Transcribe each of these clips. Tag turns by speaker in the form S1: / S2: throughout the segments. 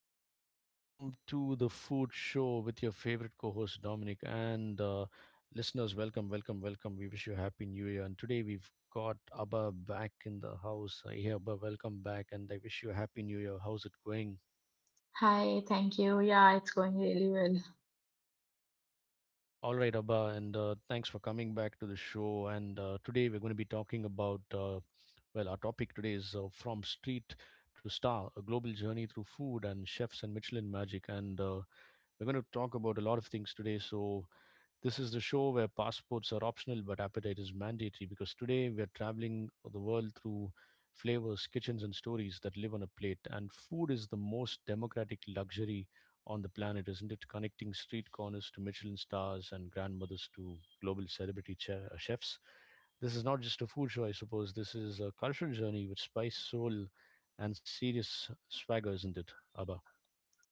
S1: afternoon, and welcome to the food show with your favorite co host Dominic. And listeners, welcome, welcome, welcome. We wish you a happy new year. And today we've got Abba back in the house. Hey Abba, welcome back, and I wish you a happy new year. How's it going?
S2: Hi, thank you. Yeah, it's going really well.
S1: All right, Abba, and thanks for coming back to the show. And today we're going to be talking about, well, our topic today is From Street to Star, a global journey through food and chefs and Michelin magic. And We're going to talk about a lot of things today. So, this is the show where passports are optional but appetite is mandatory, because today we're traveling the world through flavors, kitchens, and stories that live on a plate. And food is the most democratic luxury on the planet, isn't it? Connecting street corners to Michelin stars and grandmothers to global celebrity chefs. This is not just a food show, I suppose. This is a cultural journey with spice, soul, and serious swagger, isn't it, Abba?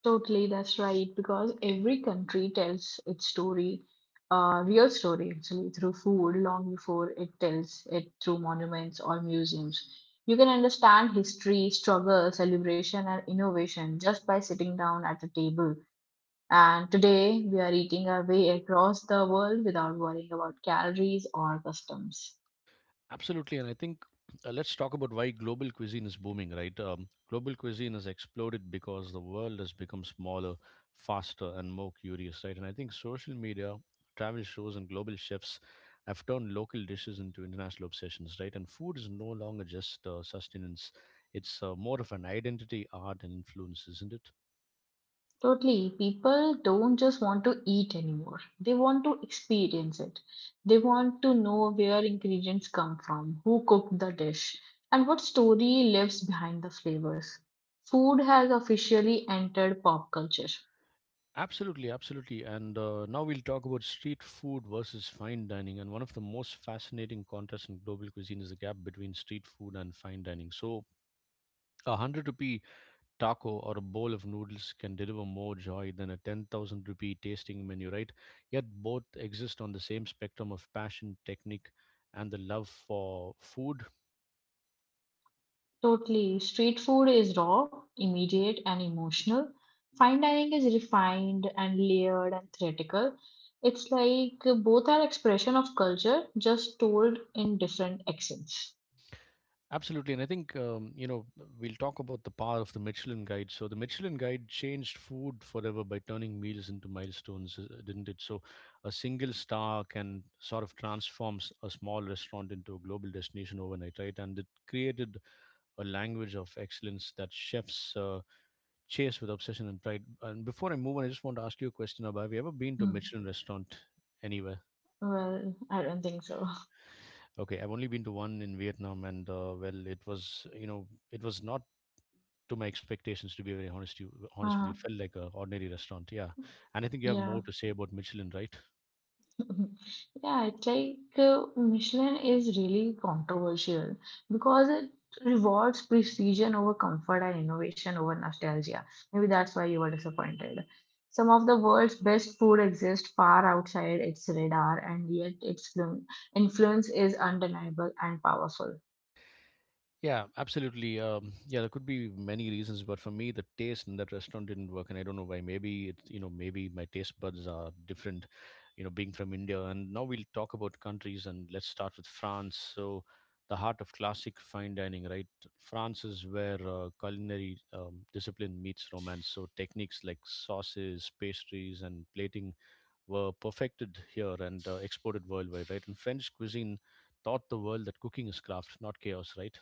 S2: Totally, that's right. Because every country tells its story, real story actually, through food long before it tells it through monuments or museums. You can understand history, struggle, celebration, and innovation just by sitting down at a table. And today, we are eating our way across the world without worrying about calories or customs.
S1: Absolutely, and I think Let's talk about why global cuisine is booming, right? Global cuisine has exploded because the world has become smaller, faster, and more curious, right? And I think social media, travel shows, and global chefs have turned local dishes into international obsessions, right? And food is no longer just sustenance; it's more of an identity, art, and influence, isn't it?
S2: Totally. People don't just want to eat anymore. They want to experience it. They want to know where ingredients come from, who cooked the dish, and what story lives behind the flavors. Food has officially entered pop culture.
S1: Absolutely, absolutely. And Now we'll talk about street food versus fine dining. And one of the most fascinating contrasts in global cuisine is the gap between street food and fine dining. So, a 100 rupee taco or a bowl of noodles can deliver more joy than a 10,000 rupee tasting menu, right? Yet both exist on the same spectrum of passion, technique, and the love for food.
S2: Totally. Street food is raw, immediate, and emotional. Fine dining is refined and layered and theatrical. It's like both are expression of culture, just told in different accents.
S1: Absolutely, and I think you know We'll talk about the power of the Michelin Guide. So the Michelin Guide changed food forever by turning meals into milestones, didn't it? So a single star can sort of transforms a small restaurant into a global destination overnight, right? And it created a language of excellence that chefs chase with obsession and pride. And before I move on, I just want to ask you a question: Abha. Have you ever been to a
S2: Hmm.
S1: Michelin restaurant anywhere?
S2: Well, I don't think so.
S1: Okay, I've only been to one in Vietnam, and well, it was it was not to my expectations. To be very honest, you honest with you,
S2: Uh,
S1: it felt like an ordinary restaurant. Yeah, and I think you have
S2: yeah.
S1: more to say about Michelin, right?
S2: Yeah, it's like Michelin is really controversial because it rewards precision over comfort and innovation over nostalgia. Maybe that's why you were disappointed. Some of the world's best food exist far outside its radar, and yet its influence is undeniable and powerful.
S1: Yeah, absolutely. Yeah, there could be many reasons, but for me, the taste in that restaurant didn't work, and I don't know why. Maybe it's you know maybe my taste buds are different. You know, being from India, and now we'll talk about countries, and let's start with France. So, the heart of classic fine dining, right? France is where culinary discipline meets romance. So, techniques like sauces, pastries, and plating were perfected here and exported worldwide, right? And French cuisine taught the world that cooking is craft, not chaos, right?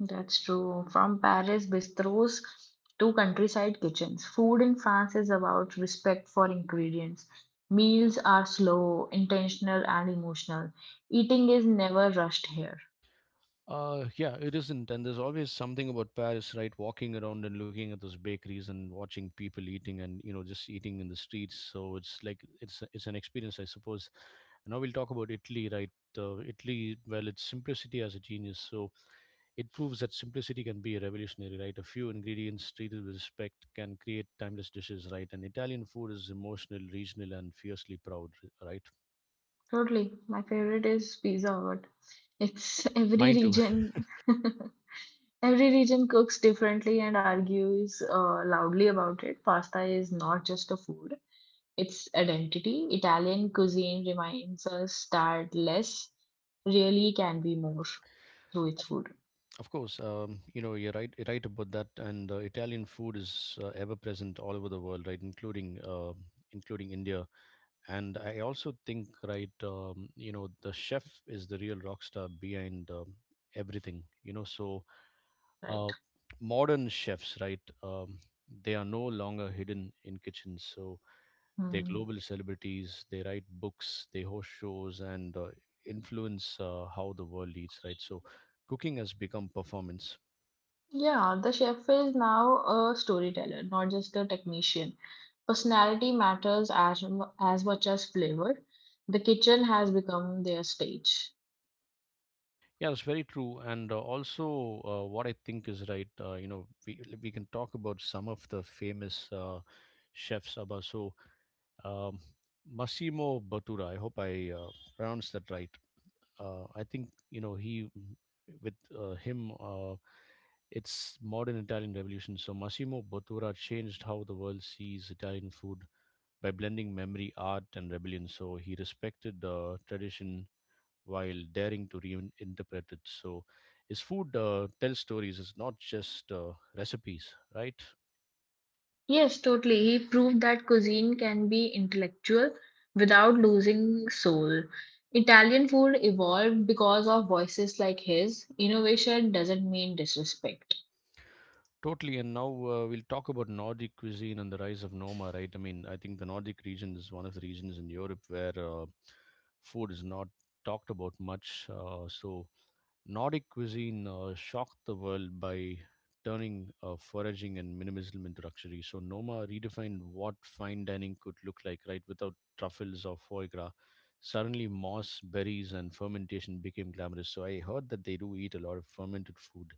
S2: That's true. From Paris bistros to countryside kitchens, food in France is about respect for ingredients. Meals are slow, intentional, and emotional. Eating is never rushed here.
S1: Yeah, it isn't. And there's always something about Paris, right? Walking around and looking at those bakeries and watching people eating and, you know, just eating in the streets. So it's like, it's, a- it's an experience, I suppose. And now we'll talk about Italy, right? Italy, well, its simplicity has a genius. So it proves that simplicity can be revolutionary, right? A few ingredients treated with respect can create timeless dishes, right? And Italian food is emotional, regional, and fiercely proud, right?
S2: Totally. My favorite is Pizza Hut. It's every
S1: Mine too.
S2: region, every region cooks differently and argues loudly about it. Pasta is not just a food, its identity. Italian cuisine reminds us that less really can be more through its food,
S1: Of course, you're right. Right about that, and Italian food is ever present all over the world, right? Including India, and I also think, right, the chef is the real rock star behind everything. So uh,
S2: right?
S1: modern chefs, right? They are no longer hidden in kitchens. So they're
S2: Hmm.
S1: global celebrities. They write books. They host shows and influence how the world eats, right? So cooking has become performance.
S2: Yeah, the chef is now a storyteller, not just a technician. Personality matters as much as flavor. The kitchen has become their stage.
S1: Yeah, it's very true. And also, what I think is right, we can talk about some of the famous chefs, Abba. Um, Massimo Bottura, I hope I pronounced that right. I think, you know, he, with him, it's modern Italian revolution. So, Massimo Bottura changed how the world sees Italian food by blending memory, art, and rebellion. So, he respected tradition while daring to reinterpret it. So, his food tells stories, it's not just recipes, right?
S2: Yes, totally. He proved that cuisine can be intellectual without losing soul. Italian food evolved because of voices like his. Innovation doesn't mean disrespect.
S1: Totally. And now we'll talk about Nordic cuisine and the rise of Noma, right? I mean, I think the Nordic region is one of the regions in Europe where food is not talked about much. So, Nordic cuisine shocked the world by turning foraging and minimalism into luxury. So Noma redefined what fine dining could look like, right? Without truffles or foie gras, suddenly moss, berries, and fermentation became glamorous. So I heard that they do eat a lot of fermented food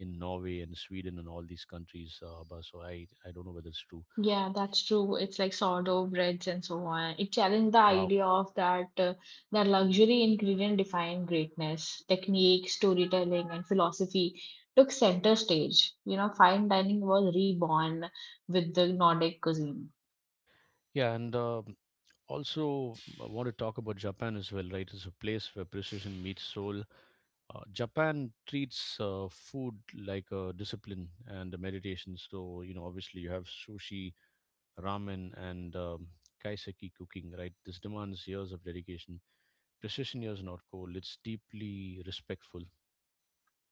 S1: in Norway and Sweden and all these countries. But so I don't know whether it's true.
S2: Yeah, that's true. It's like sourdough breads and so on. It challenged the
S1: Wow.
S2: idea of that luxury ingredient defined greatness. Technique, storytelling, and philosophy took center stage. You know, fine dining was reborn with the Nordic cuisine.
S1: Yeah, and also I want to talk about Japan as well, right? It's a place where precision meets soul. Japan treats food like a discipline and a meditation. So, you know, obviously you have sushi, ramen, and kaiseki cooking, right? This demands years of dedication. Precision here is not cold, it's deeply respectful.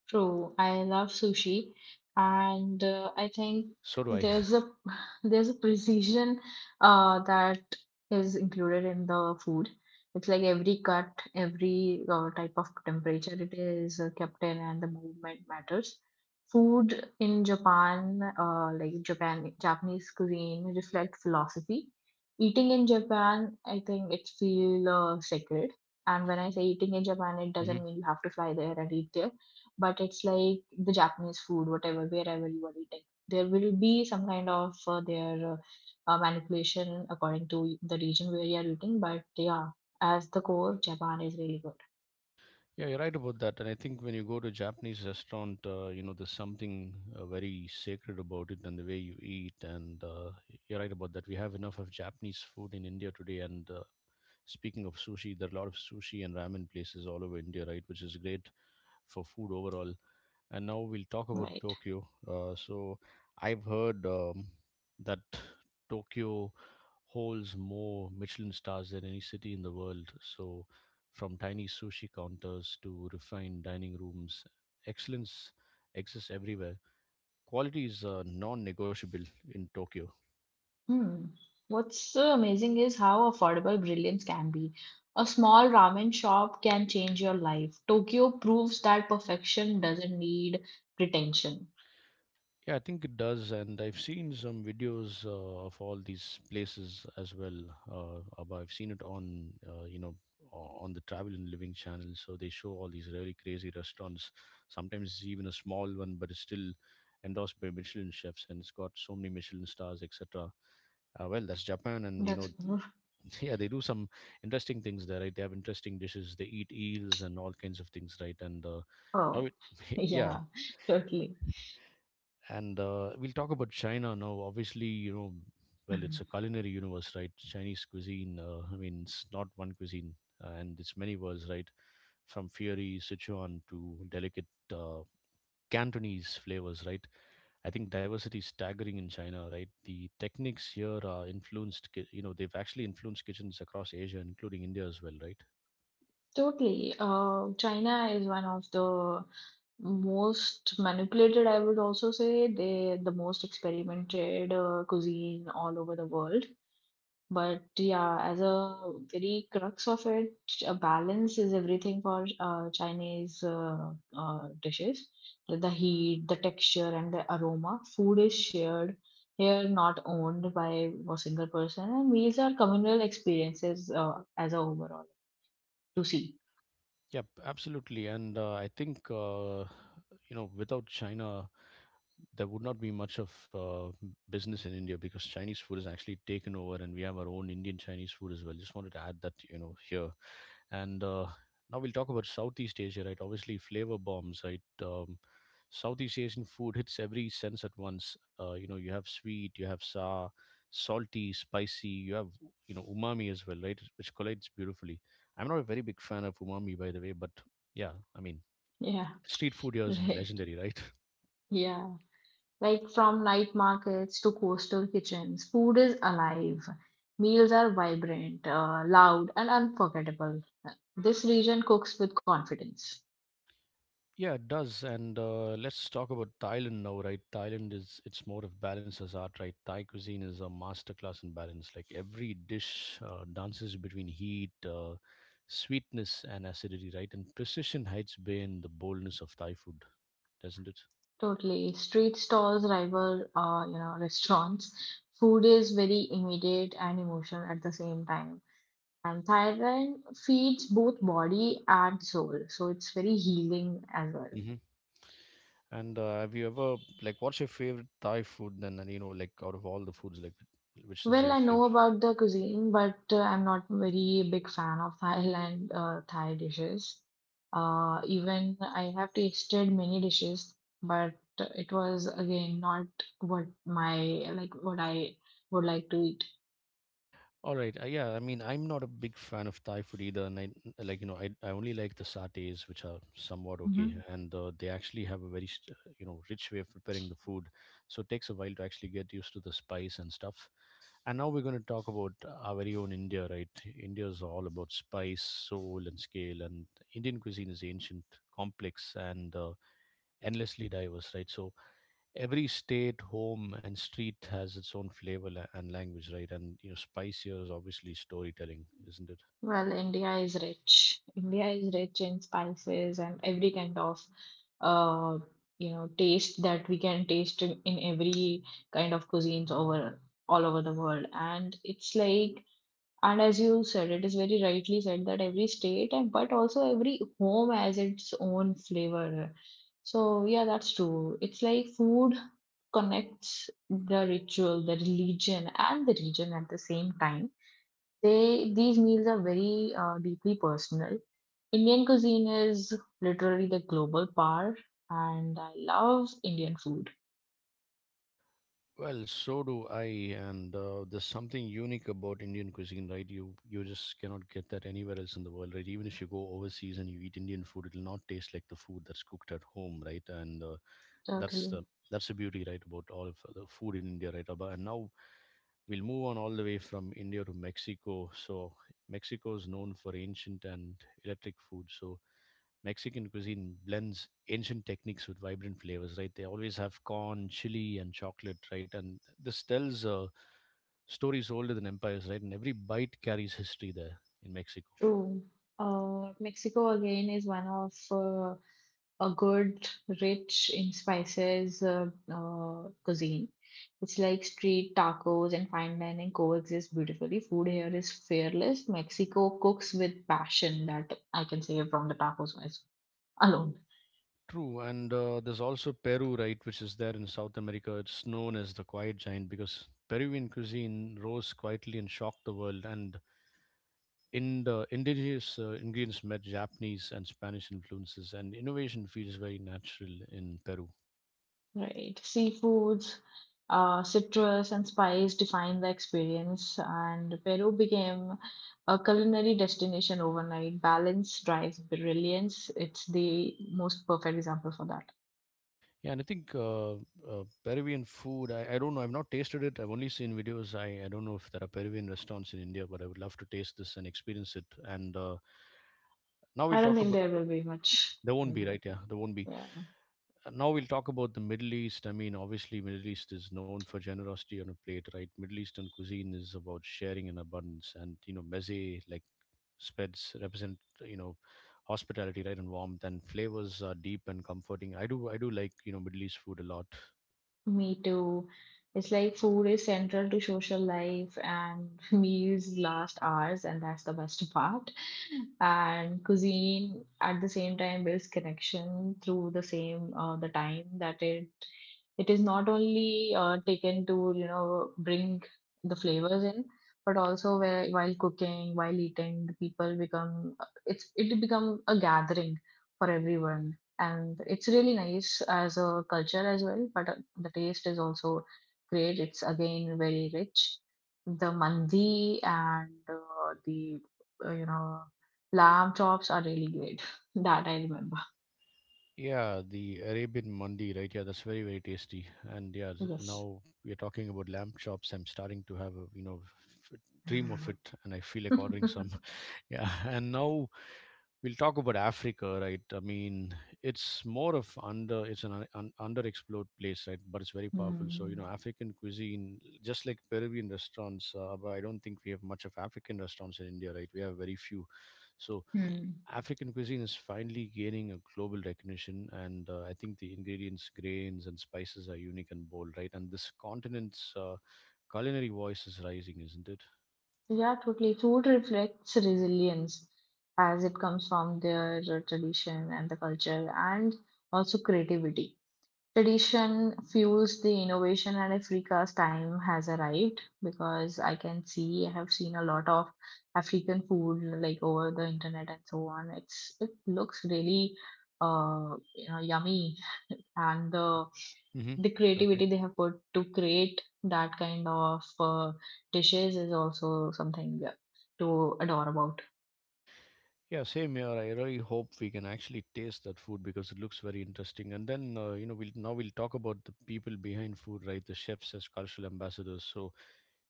S2: True, I love sushi, and I think
S1: So do I.
S2: there's a there's a precision that is included in the food. It's like every cut, every type of temperature it is kept in, and the movement matters. Food in Japan, like Japanese cuisine, reflect philosophy. Eating in Japan, I think it feel sacred. And when I say eating in Japan, it doesn't mean you have to fly there and eat there, but it's like the Japanese food, whatever, wherever you are eating. There will be some kind of their manipulation according to the region where you are eating, but yeah, as the core, Japan is really good,
S1: Yeah, you're right about that. And I think when you go to a Japanese restaurant, there's something very sacred about it and the way you eat. And You're right about that. We have enough of Japanese food in India today. And Speaking of sushi, there are a lot of sushi and ramen places all over India, right? Which is great for food overall. And now we'll talk about
S2: right?
S1: Tokyo. I've heard that Tokyo holds more Michelin stars than any city in the world. So from tiny sushi counters to refined dining rooms, excellence exists everywhere. Quality is non-negotiable in Tokyo.
S2: Hmm. What's amazing is how affordable brilliance can be. A small ramen shop can change your life. Tokyo proves that perfection doesn't need pretension.
S1: Yeah, I think it does, and I've seen some videos of all these places as well. Abba. I've seen it on, on the Travel and Living channel. So they show all these really crazy restaurants. Sometimes it's even a small one, but it's still endorsed by Michelin chefs, and it's got so many Michelin stars, etc. Well, that's Japan, and you know,
S2: That's
S1: yeah, they do some interesting things there, right? They have interesting dishes. They eat eels and all kinds of things, right? Now,
S2: oh
S1: it, yeah,
S2: yeah, totally.
S1: and we'll talk about China now. Obviously, you know, well, it's a culinary universe, right? Chinese cuisine. I mean, it's not one cuisine, and it's many words, right? From fiery Sichuan to delicate uh, Cantonese flavors, right? I think diversity is staggering in China, right? The techniques here are influenced. Ki- You know, they've actually influenced kitchens across Asia, including India as well, right?
S2: Totally. China is one of the most manipulated, I would also say. The most experimented cuisine all over the world. But yeah, as a very crux of it, a balance is everything for Chinese dishes. The heat, the texture, and the aroma. Food is shared here, not owned by a single person, and meals are communal experiences as a overall to see.
S1: Yep, absolutely. And I think, you know, Without China, there would not be much of business in India, because Chinese food is actually taken over and we have our own Indian Chinese food as well. Just wanted to add that, you know, here. And Now we'll talk about Southeast Asia, right? Obviously, flavor bombs, right? Southeast Asian food hits every sense at once. You know, you have sweet, you have sour, salty, spicy, you have, you know, umami as well, right? Which collides beautifully. I'm not a very big fan of umami, by the way, but yeah, I mean,
S2: Yeah.
S1: street food here is
S2: Right.
S1: legendary, right?
S2: Yeah. Like from night markets to coastal kitchens, food is alive. Meals are vibrant, loud, and unforgettable. This region cooks with confidence.
S1: Yeah, it does. And Let's talk about Thailand now, right? Thailand is its more of balance as art, right? Thai cuisine is a masterclass in balance. Like every dish dances between heat, sweetness, and acidity, right? And precision hides behind the boldness of Thai food, doesn't it?
S2: Totally. Street stalls rival, restaurants. Food is very immediate and emotional at the same time. And Thailand feeds both body and soul, so it's very healing as well.
S1: Hmm. And Have you ever what's your favorite Thai food? Then and you know like Out of all the foods, like which is
S2: Well,
S1: your
S2: I know
S1: favorite?
S2: about the cuisine, but I'm not very big fan of Thai dishes. Even I have tasted many dishes, but it was again not what my what I would like to eat.
S1: All right. Yeah, I mean, I'm not a big fan of Thai food either, and I like I only like the satays, which are somewhat okay,
S2: Hmm.
S1: and they actually have a very rich way of preparing the food, so it takes a while to actually get used to the spice and stuff. And now we're going to talk about our very own India, right? India is all about spice, soul, and scale, and Indian cuisine is ancient, complex, and endlessly diverse, right? So every state, home, and street has its own and language, right? And you know, spice here is obviously storytelling, isn't it?
S2: Well, India is rich. India is rich in spices and every kind of uh, taste that we can taste in every kind of cuisines over all over the world, and it's like. And as you said, it is very rightly said that every state and but also every home has its own flavor. So yeah, that's true. It's like food connects the ritual, the religion, and the region at the same time. They These meals are very deeply personal. Indian cuisine is literally the global power, and I love Indian food.
S1: Well, so do I, and there's something unique about Indian cuisine, right? You just cannot get that anywhere else in the world, right? Even if you go overseas and you eat Indian food, it'll not taste like the food that's cooked at home, right? And that's
S2: Totally
S1: the that's the beauty, right, about all of the food in India, right, Abba? And now we'll move on all the way from India to Mexico. So Mexico is known for ancient and electric food. So Mexican cuisine blends ancient techniques with vibrant flavors, right? They always have corn, chili, and chocolate, right? And this tells stories older than empires, right? And every bite carries history there in Mexico.
S2: true. Mexico again is one of a good, rich in spices cuisine. It's like street tacos and fine dining coexist beautifully. Food here is fearless. Mexico cooks with passion that I can say from the tacos alone.
S1: True, and there's also Peru, right, which is there in South America. It's known as the quiet giant because Peruvian cuisine rose quietly and shocked the world. And in the indigenous ingredients met Japanese and Spanish influences, and innovation feels very natural in Peru.
S2: Right. Seafoods, citrus, and spice define the experience, and Peru became a culinary destination overnight. Balance drives brilliance. It's the most perfect example for that.
S1: Yeah, and I think Peruvian food, I don't know, I've not tasted it. I've only seen videos. I don't know if there are Peruvian restaurants in India, but I would love to taste this and experience it. And now we'll
S2: I don't
S1: talk
S2: think
S1: about.
S2: there will be much.
S1: There won't be,
S2: Maybe.
S1: right? Yeah, there won't be.
S2: Yeah,
S1: Now we'll talk about the Middle East. I mean, obviously, Middle East is known for generosity on a plate, right? Middle Eastern cuisine is about sharing and abundance, and you know, meze like spreads represent you know hospitality, right, and warmth, and flavors are deep and comforting. I do like you know Middle East food a lot.
S2: me too. It's like food is central to social life and meals last hours, and that's the best part. And cuisine at the same time builds connection through the same the time that it. Is not only taken to, you know, bring the flavors in, but also where while cooking, while eating, the people become it's it become a gathering for everyone. And it's really nice as a culture as well, but the taste is also great. It's again very rich. The mandi and the uh, you know lamb chops are really great. That I remember.
S1: Yeah, the Arabian mandi, right? Yeah, that's very very tasty. And yeah,
S2: Yes.
S1: now we're talking about lamb chops. I'm starting to have a you know f- dream of it, and I feel like ordering some. Yeah, and now we'll talk about Africa, right? I mean, it's more of under it's an un, un, underexplored place, right? But it's very powerful. So you know,
S2: Hmm.
S1: African cuisine, just like Peruvian restaurants, but I don't think we have much of African restaurants in India, right? We have very few. So
S2: Hmm.
S1: African cuisine is finally gaining a global recognition, and I think the ingredients, grains, and spices are unique and bold, right? And this continent's culinary voice is rising, isn't it?
S2: Yeah, totally. Food reflects resilience as it comes from their tradition and the culture, and also creativity. Tradition fuels the innovation, and Africa's time has arrived because I have seen a lot of African food like over the internet and so on. It looks really yummy and the
S1: Hmm.
S2: the creativity they have put to create that kind of dishes is also something, yeah, to adore about.
S1: Yeah, same here. I really hope we can actually taste that food because it looks very interesting. And then, you know, we'll now we'll talk about the people behind food, right? The chefs as cultural ambassadors. So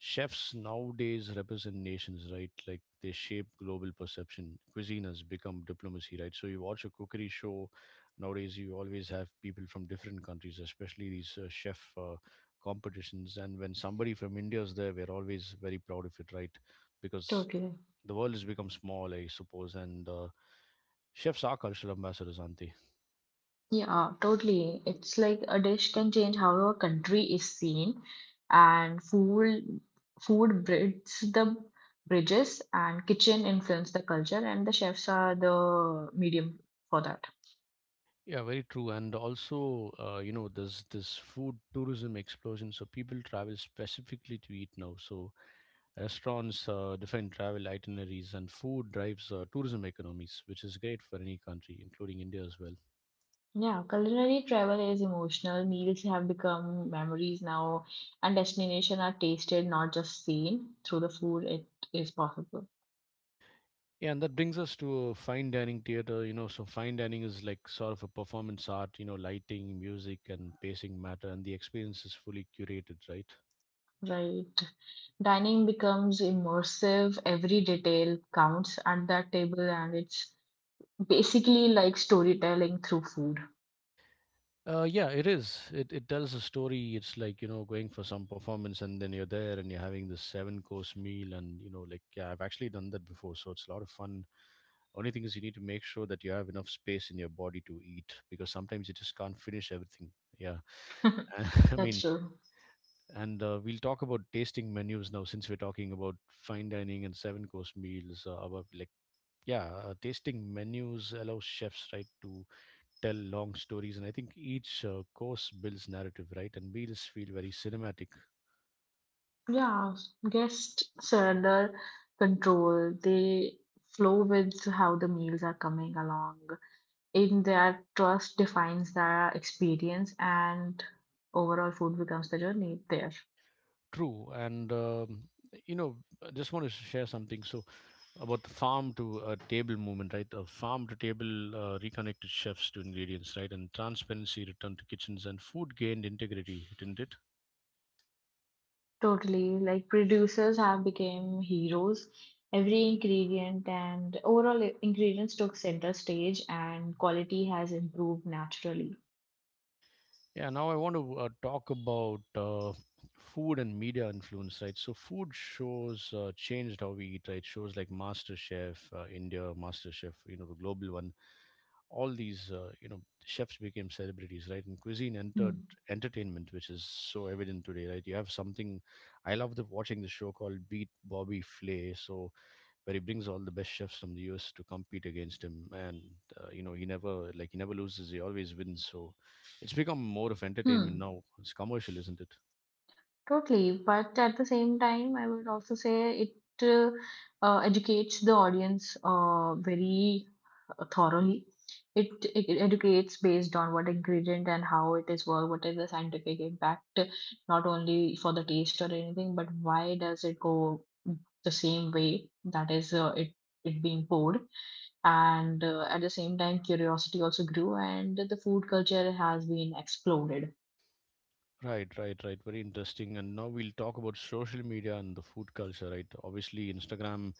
S1: chefs nowadays represent nations, right? Like they shape global perception. Cuisine has become diplomacy, right? So you watch a cookery show nowadays, you always have people from different countries, especially these chef competitions. And when somebody from India is there, we're always very proud of it, right? Because
S2: Totally.
S1: the world has become small, I suppose, and chefs are cultural ambassadors, are
S2: Yeah, totally. It's like a dish can change how a country is seen, and food bridges the bridges, and kitchen influence the culture, and the chefs are the medium for that.
S1: yeah, very true. And also, you know, there's this food tourism explosion. So people travel specifically to eat now. So restaurants define travel itineraries, and food drives tourism economies, which is great for any country, including India as well.
S2: Yeah, culinary travel is emotional. Meals have become memories now, and destination are tasted, not just seen. Through the food, it is possible.
S1: Yeah, and that brings us to fine dining theater. You know, so fine dining is like sort of a performance art. You know, lighting, music, and pacing matter, and the experience is fully curated, right?
S2: Right. Dining becomes immersive. Every detail counts at that table, and it's basically like storytelling through food.
S1: Yeah, it is. It tells a story. It's like you know going for some performance, and then you're there, and you're having this seven course meal, and you know like yeah, I've actually done that before, so it's a lot of fun. Only thing is you need to make sure that you have enough space in your body to eat because sometimes you just can't finish everything. Yeah, I
S2: That's
S1: mean,
S2: true.
S1: and we'll talk about tasting menus now since we're talking about fine dining and seven course meals. About like yeah, tasting menus allows chefs right to tell long stories, and I think each course builds narrative, right? And we just feel very cinematic.
S2: Yeah, guests surrender control. They flow with how the meals are coming along. In that, trust defines the experience, and overall food becomes the journey there.
S1: True, and you know, I just want to share something. So about the farm to table movement, right? The farm to table reconnected chefs to ingredients, right? And transparency returned to kitchens, and food gained integrity, didn't it?
S2: Totally, like producers have become heroes. Every ingredient and overall ingredients took center stage, and quality has improved naturally.
S1: Yeah. Now I want to talk about food and media influence, right? So food shows changed how we eat, right? Shows like Master Chef, India Master Chef, you know, the global one, all these you know chefs became celebrities, right, and cuisine
S2: Hmm.
S1: entered entertainment, which is so evident today, right? You have something. I love the watching the show called Beat Bobby Flay. So where he brings all the best chefs from the US to compete against him, and you know he never loses, he always wins. So it's become more of entertainment
S2: Hmm.
S1: now. It's commercial, isn't it?
S2: Totally, but at the same time, I would also say it educates the audience very thoroughly. It educates based on what ingredient and how it is worked, what is the scientific impact, not only for the taste or anything, but why does it go the same way that is it being poured. And at the same time, curiosity also grew, and the food culture has been exploded.
S1: Right, right, right. Very interesting. And now we'll talk about social media and the food culture, right? Obviously, Instagram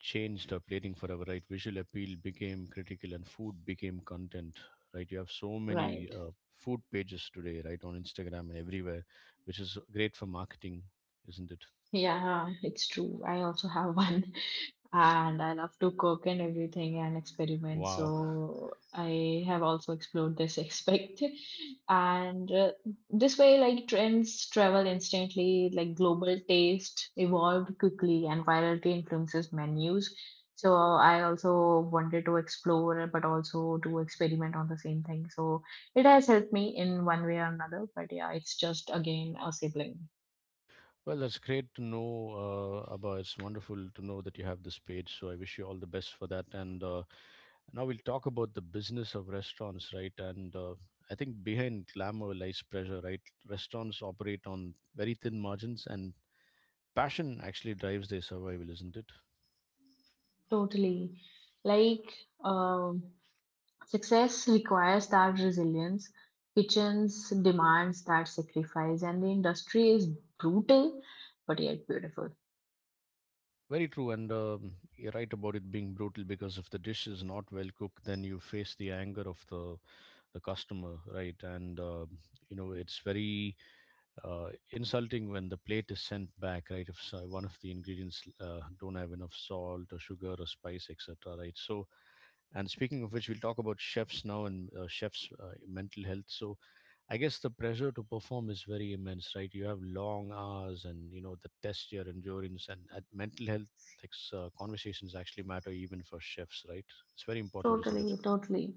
S1: changed our plating forever, right? Visual appeal became critical and food became content, right? You have so many
S2: Right.
S1: food pages today, right, on Instagram and everywhere, which is great for marketing, isn't it?
S2: Yeah, it's true. I also have one, and I love to cook and everything and experiment.
S1: Wow.
S2: So I have also explored this aspect. And this way, like trends travel instantly, like global taste evolved quickly, and virality influences menus. So I also wanted to explore, but also to experiment on the same thing. So it has helped me in one way or another. But yeah, it's just again a sibling.
S1: Well, that's great to know, Abba. It's wonderful to know that you have this page. So I wish you all the best for that. And now we'll talk about the business of restaurants, right? And I think behind glamour lies pressure, right? Restaurants operate on very thin margins and passion actually drives their survival, isn't it?
S2: Totally. Like, um, success requires that resilience, kitchens demands that sacrifice, and the industry is brutal but yet beautiful.
S1: Very true, and you're right about it being brutal because if the dish is not well cooked, then you face the anger of the customer, right? And you know it's very insulting when the plate is sent back, right? If so, one of the ingredients don't have enough salt or sugar or spice, etc., right? So and speaking of which, we'll talk about chefs now and chefs' mental health. So, I guess the pressure to perform is very immense, right? You have long hours, and you know the test your endurance and at mental health conversations actually matter even for chefs, right? It's very important, isn't it?
S2: Totally, totally.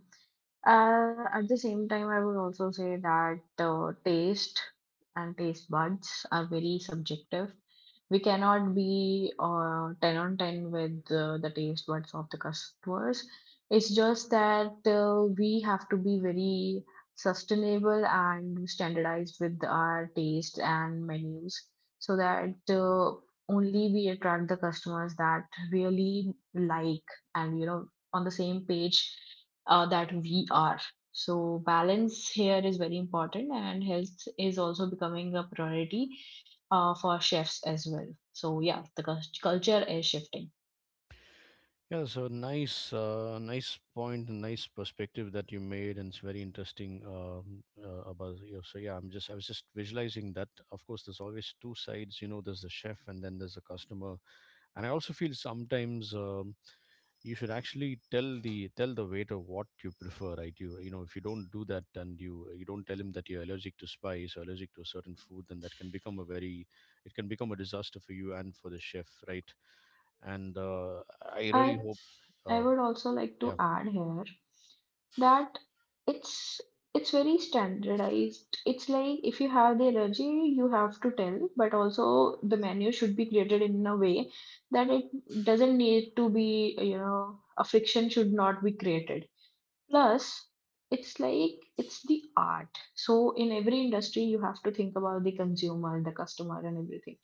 S2: At the same time, I would also say that taste and taste buds are very subjective. We cannot be 10 on 10 with the taste buds of the customers. It's just that we have to be very sustainable and standardized with our taste and menus so that only we attract the customers that really like and, you know, on the same page that we are. So, balance here is very important, and health is also becoming a priority for chefs as well. So, yeah, the culture is shifting.
S1: Yeah. So nice, nice point, and nice perspective that you made, and it's very interesting about you. So yeah, I was just visualizing that. Of course, there's always two sides. You know, there's the chef, and then there's the customer, and I also feel sometimes you should actually tell the waiter what you prefer, right? You know if you don't do that and you don't tell him that you're allergic to spice or allergic to a certain food, then that can become a very, it can become a disaster for you and for the chef, right? And I
S2: I
S1: really hope
S2: I
S1: uh,
S2: would also like to
S1: yeah.
S2: add here that it's it's very standardized. It's like if you have the allergy, you have to tell, but also the menu should be created in a way that it doesn't need to be, a friction should not be created. Plus, it's like it's the art. So in every industry, you have to think about the consumer, the customer, and everything.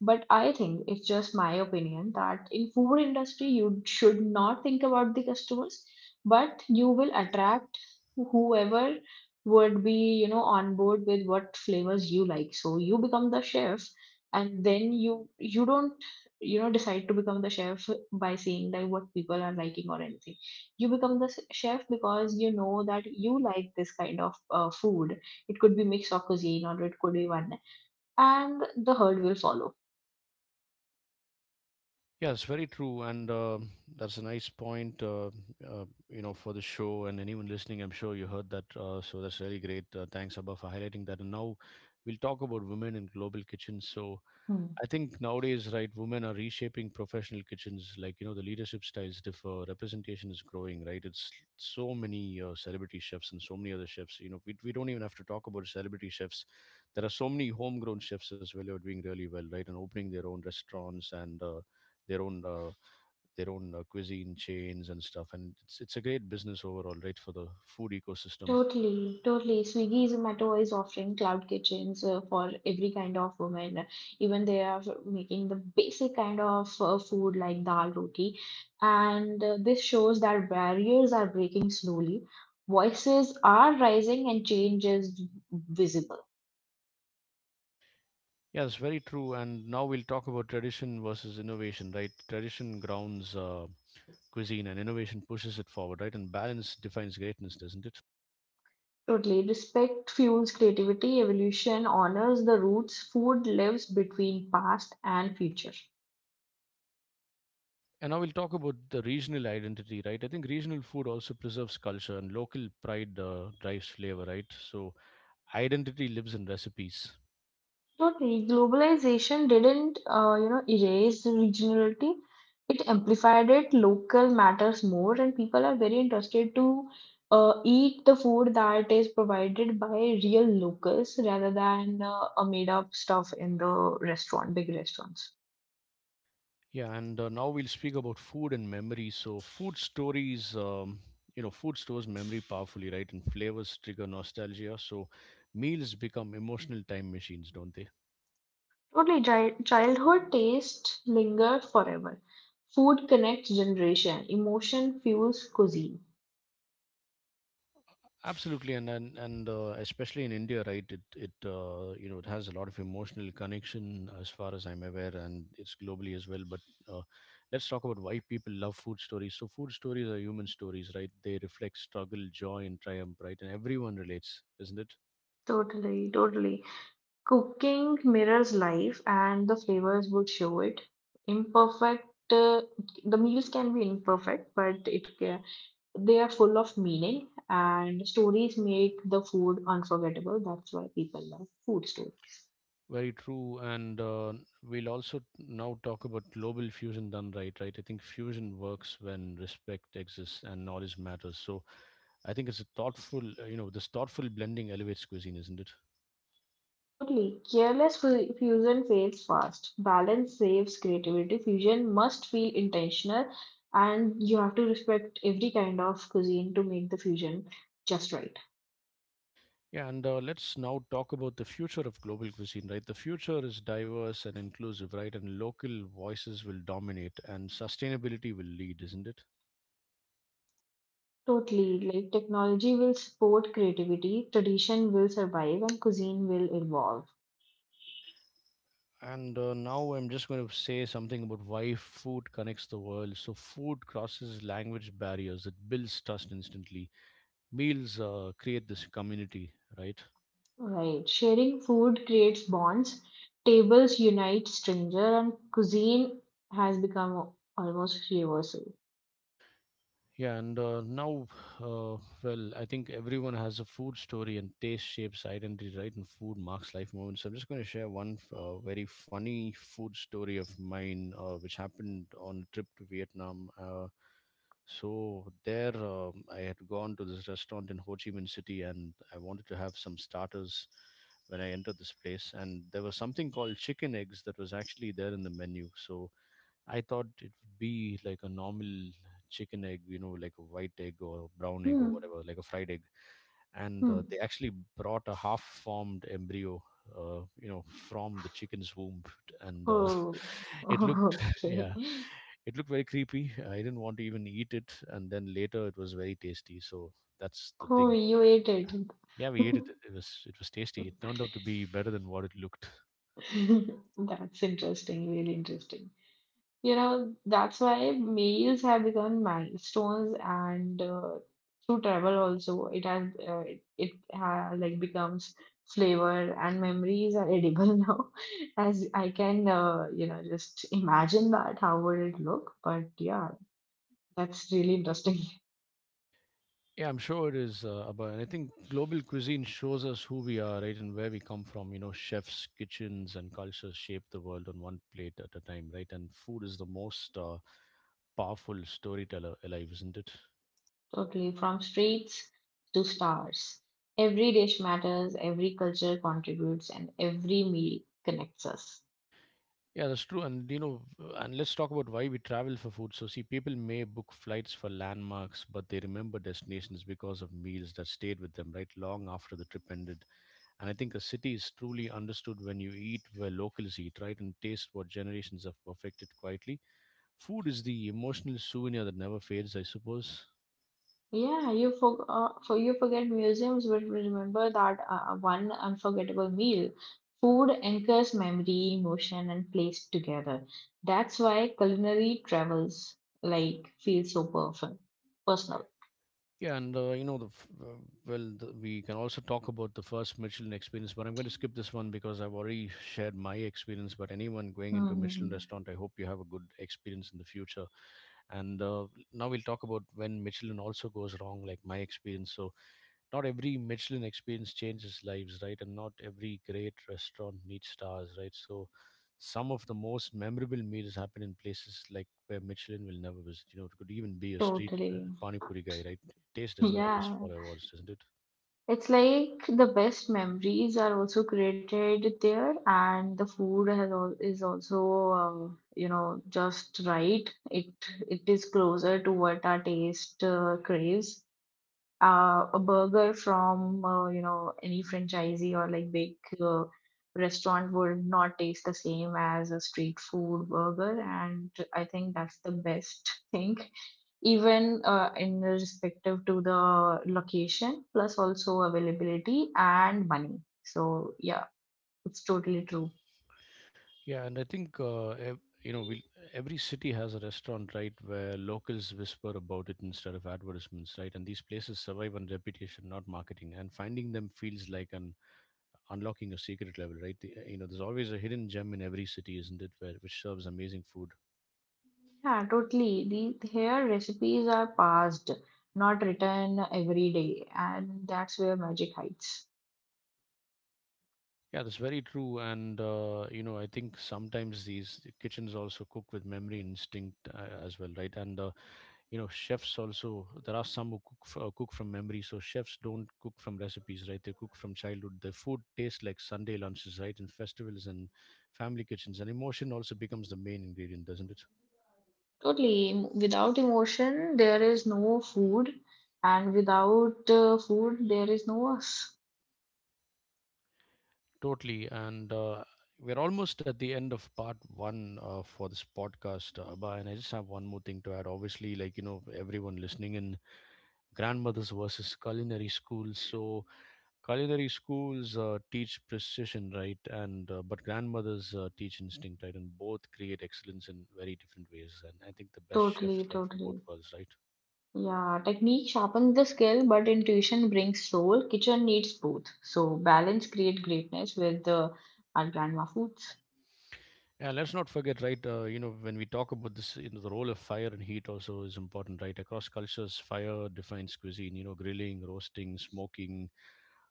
S2: But I think it's just my opinion that in food industry, you should not think about the customers, but you will attract whoever would be on board with what flavors you like. So you become the chef, and then you don't decide to become the chef by seeing like what people are liking or anything. You become the chef because you know that you like this kind of food. It could be mix of cuisine or it could be one, and the herd will follow.
S1: Yes, very true, and that's a nice point. You know, for the show and anyone listening, I'm sure you heard that. So that's really great. Thanks, Abba, for highlighting that. And now we'll talk about women in global kitchens. So
S2: Hmm.
S1: I think nowadays, right, women are reshaping professional kitchens. Like, you know, the leadership styles differ, representation is growing, right? It's so many celebrity chefs and so many other chefs. You know, we don't even have to talk about celebrity chefs. There are so many homegrown chefs as well who are doing really well, right? And opening their own restaurants and their own uh, their own cuisine chains and stuff. And it's a great business overall, right, for the food ecosystem.
S2: Totally, totally. Swiggy Zomato is offering cloud kitchens for every kind of woman. Even they are making the basic kind of food like dal roti. And this shows that barriers are breaking slowly, voices are rising, and change is visible.
S1: Yeah, that's very true. And now we'll talk about tradition versus innovation, right? Tradition grounds. Cuisine and innovation pushes it forward, right? And balance defines greatness, doesn't it?
S2: Totally. Respect fuels creativity, evolution honors the roots, food lives between past and future.
S1: And now we'll talk about the regional identity, right? I think regional food also preserves culture and local pride drives flavor, right? So identity lives in recipes.
S2: Totally. Globalization didn't, erase the regionality. It amplified it. Local matters more, and people are very interested to eat the food that is provided by real locals rather than a made-up stuff in the restaurant, big restaurants.
S1: Yeah, and now we'll speak about food and memory. So food stories, you know, food stores memory powerfully, right? And flavors trigger nostalgia. So meals become emotional time machines, don't they?
S2: Totally, childhood taste linger forever. Food connects generation. Emotion fuels cuisine.
S1: Absolutely, and especially in India, right? It you know it has a lot of emotional connection, as far as I'm aware, and it's globally as well. But uh, let's talk about why people love food stories. So food stories are human stories, right? They reflect struggle, joy, and triumph, right? And everyone relates, isn't it?
S2: Totally, totally. Cooking mirrors life, and the flavors would show it. Imperfect. Uh, the meals can be imperfect, but they are full of meaning, and stories make the food unforgettable. That's why people love food stories.
S1: Very true. And we'll also now talk about global fusion done right, right? I think fusion works when respect exists and knowledge matters. So I think it's a thoughtful, this thoughtful blending elevates cuisine, isn't it?
S2: Totally. Careless fusion fails fast. Balance saves creativity. Fusion must feel intentional, and you have to respect every kind of cuisine to make the fusion just right.
S1: Yeah, and let's now talk about the future of global cuisine, right? The future is diverse and inclusive, right? And local voices will dominate and sustainability will lead, isn't it?
S2: Totally. Like technology will support creativity, tradition will survive, and cuisine will evolve.
S1: And now I'm just going to say something about why food connects the world. So, food crosses language barriers, it builds trust instantly. Meals create this community, right?
S2: Right. Sharing food creates bonds, tables unite stranger, and cuisine has become almost universal.
S1: Yeah, and now, uh, well, I think everyone has a food story and taste shapes identity, right? And food marks life moments. So I'm just going to share one very funny food story of mine, which happened on a trip to Vietnam. So there, I had gone to this restaurant in Ho Chi Minh City, and I wanted to have some starters when I entered this place. And there was something called chicken eggs that was actually there in the menu. So I thought it would be like a normal chicken egg, you know, like a white egg or brown egg or
S2: Hmm.
S1: whatever, like a fried egg. And
S2: Hmm.
S1: they actually brought a half-formed embryo, you know, from the chicken's womb, and
S2: Oh.
S1: it looked,
S2: Okay.
S1: yeah, it looked very creepy. I didn't want to even eat it, and then later it was very tasty. So that's the
S2: Oh,
S1: thing.
S2: you ate it.
S1: Yeah, we ate it. It was tasty. It turned out to be better than what it looked.
S2: That's interesting, really interesting. You know, that's why meals have become milestones, and through travel also, it has it, it ha like becomes flavor and memories are edible now. As I can, just imagine that how would it look? But yeah, that's really interesting.
S1: Yeah, I'm sure it is. About, I think global cuisine shows us who we are, right, and where we come from. You know, chefs, kitchens, and cultures shape the world on one plate at a time, right? And food is the most powerful storyteller alive, isn't it?
S2: Totally. From streets to stars. Every dish matters, every culture contributes, and every meal connects us.
S1: Yeah, that's true. And you know, and let's talk about why we travel for food. So, see, people may book flights for landmarks, but they remember destinations because of meals that stayed with them, right, long after the trip ended. And I think a city is truly understood when you eat where locals eat, right, and taste what generations have perfected quietly. Food is the emotional souvenir that never fades, I suppose.
S2: Yeah, you forget museums, but remember that one unforgettable meal. Food anchors memory, emotion, and place together. That's why culinary travels like feel so perfect, personal.
S1: Yeah, and well, the, we can also talk about the first Michelin experience, but I'm going to skip this one because I've already shared my experience. But anyone going into a Michelin
S2: Hmm.
S1: restaurant, I hope you have a good experience in the future. And now we'll talk about when Michelin also goes wrong, like my experience. So not every Michelin experience changes lives, right? And not every great restaurant needs stars, right? So some of the most memorable meals happen in places like where Michelin will never visit. You know, it could even be a street
S2: Totally.
S1: pani puri guy, right? Taste doesn't always
S2: Yeah.
S1: follow awards, doesn't it?
S2: It's like the best memories are also created there, and the food has al is also uh, just right. It is closer to what our taste craves. A burger from any franchisee or like big uh, restaurant would not taste the same as a street food burger, and I think that's the best thing, even in respective to the location plus also availability and money. So yeah, it's totally true.
S1: Yeah, and I think ev- you know, we every city has a restaurant, right, where locals whisper about it instead of advertisements, right? And these places survive on reputation, not marketing. And finding them feels like an unlocking a secret level, right? The, you know, there's always a hidden gem in every city, isn't it? Where which serves amazing food.
S2: Yeah, totally. The here recipes are passed not written every day, and that's where magic hides.
S1: Yeah, that's very true. And you know, I think sometimes these kitchens also cook with memory instinct as well, right? And you know, chefs also there are some who cook from memory. So chefs don't cook from recipes, right? They cook from childhood. Their food tastes like Sunday lunches, right? In festivals and family kitchens, and emotion also becomes the main ingredient, doesn't it?
S2: Totally, without emotion there is no food, and without food there is no us.
S1: Totally. And we're almost at the end of part one for this podcast, Abba. And I just have one more thing to add. Obviously, like, you know, everyone listening in grandmothers versus culinary schools. So, culinary schools teach precision, right? And, but grandmothers teach instinct, right? And both create excellence in very different ways. And I think the best chefs
S2: Totally,
S1: learn from both
S2: totally.
S1: worlds, right?
S2: Yeah, technique sharpens the skill, but intuition brings soul. Kitchen needs both. So balance create greatness with the our grandma foods.
S1: Yeah, let's not forget, right? You know, when we talk about this, you know, the role of fire and heat also is important, right? Across cultures, fire defines cuisine. You know, grilling, roasting, smoking.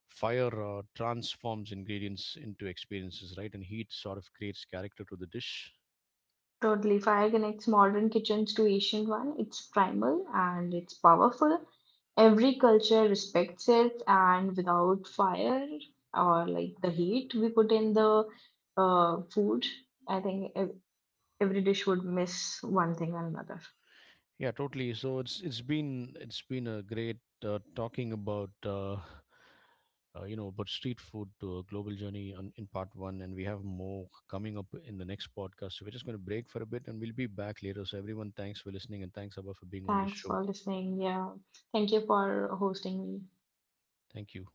S1: Fire transforms ingredients into experiences, right? And heat sort of creates character to the dish.
S2: Totally. Fire connects modern kitchens to ancient one. It's primal and it's powerful. Every culture respects it, and without fire or like the heat we put in the food, I think every dish would miss one thing or another.
S1: Yeah, totally. So it's been a great talking about you know about street food to a global journey on, in part one, and we have more coming up in the next podcast. So we're just going to break for a bit, and we'll be back later. So everyone, thanks for listening, and thanks Abba for being on this
S2: Thanks
S1: show.
S2: for listening. Yeah, thank you for hosting me.
S1: Thank you.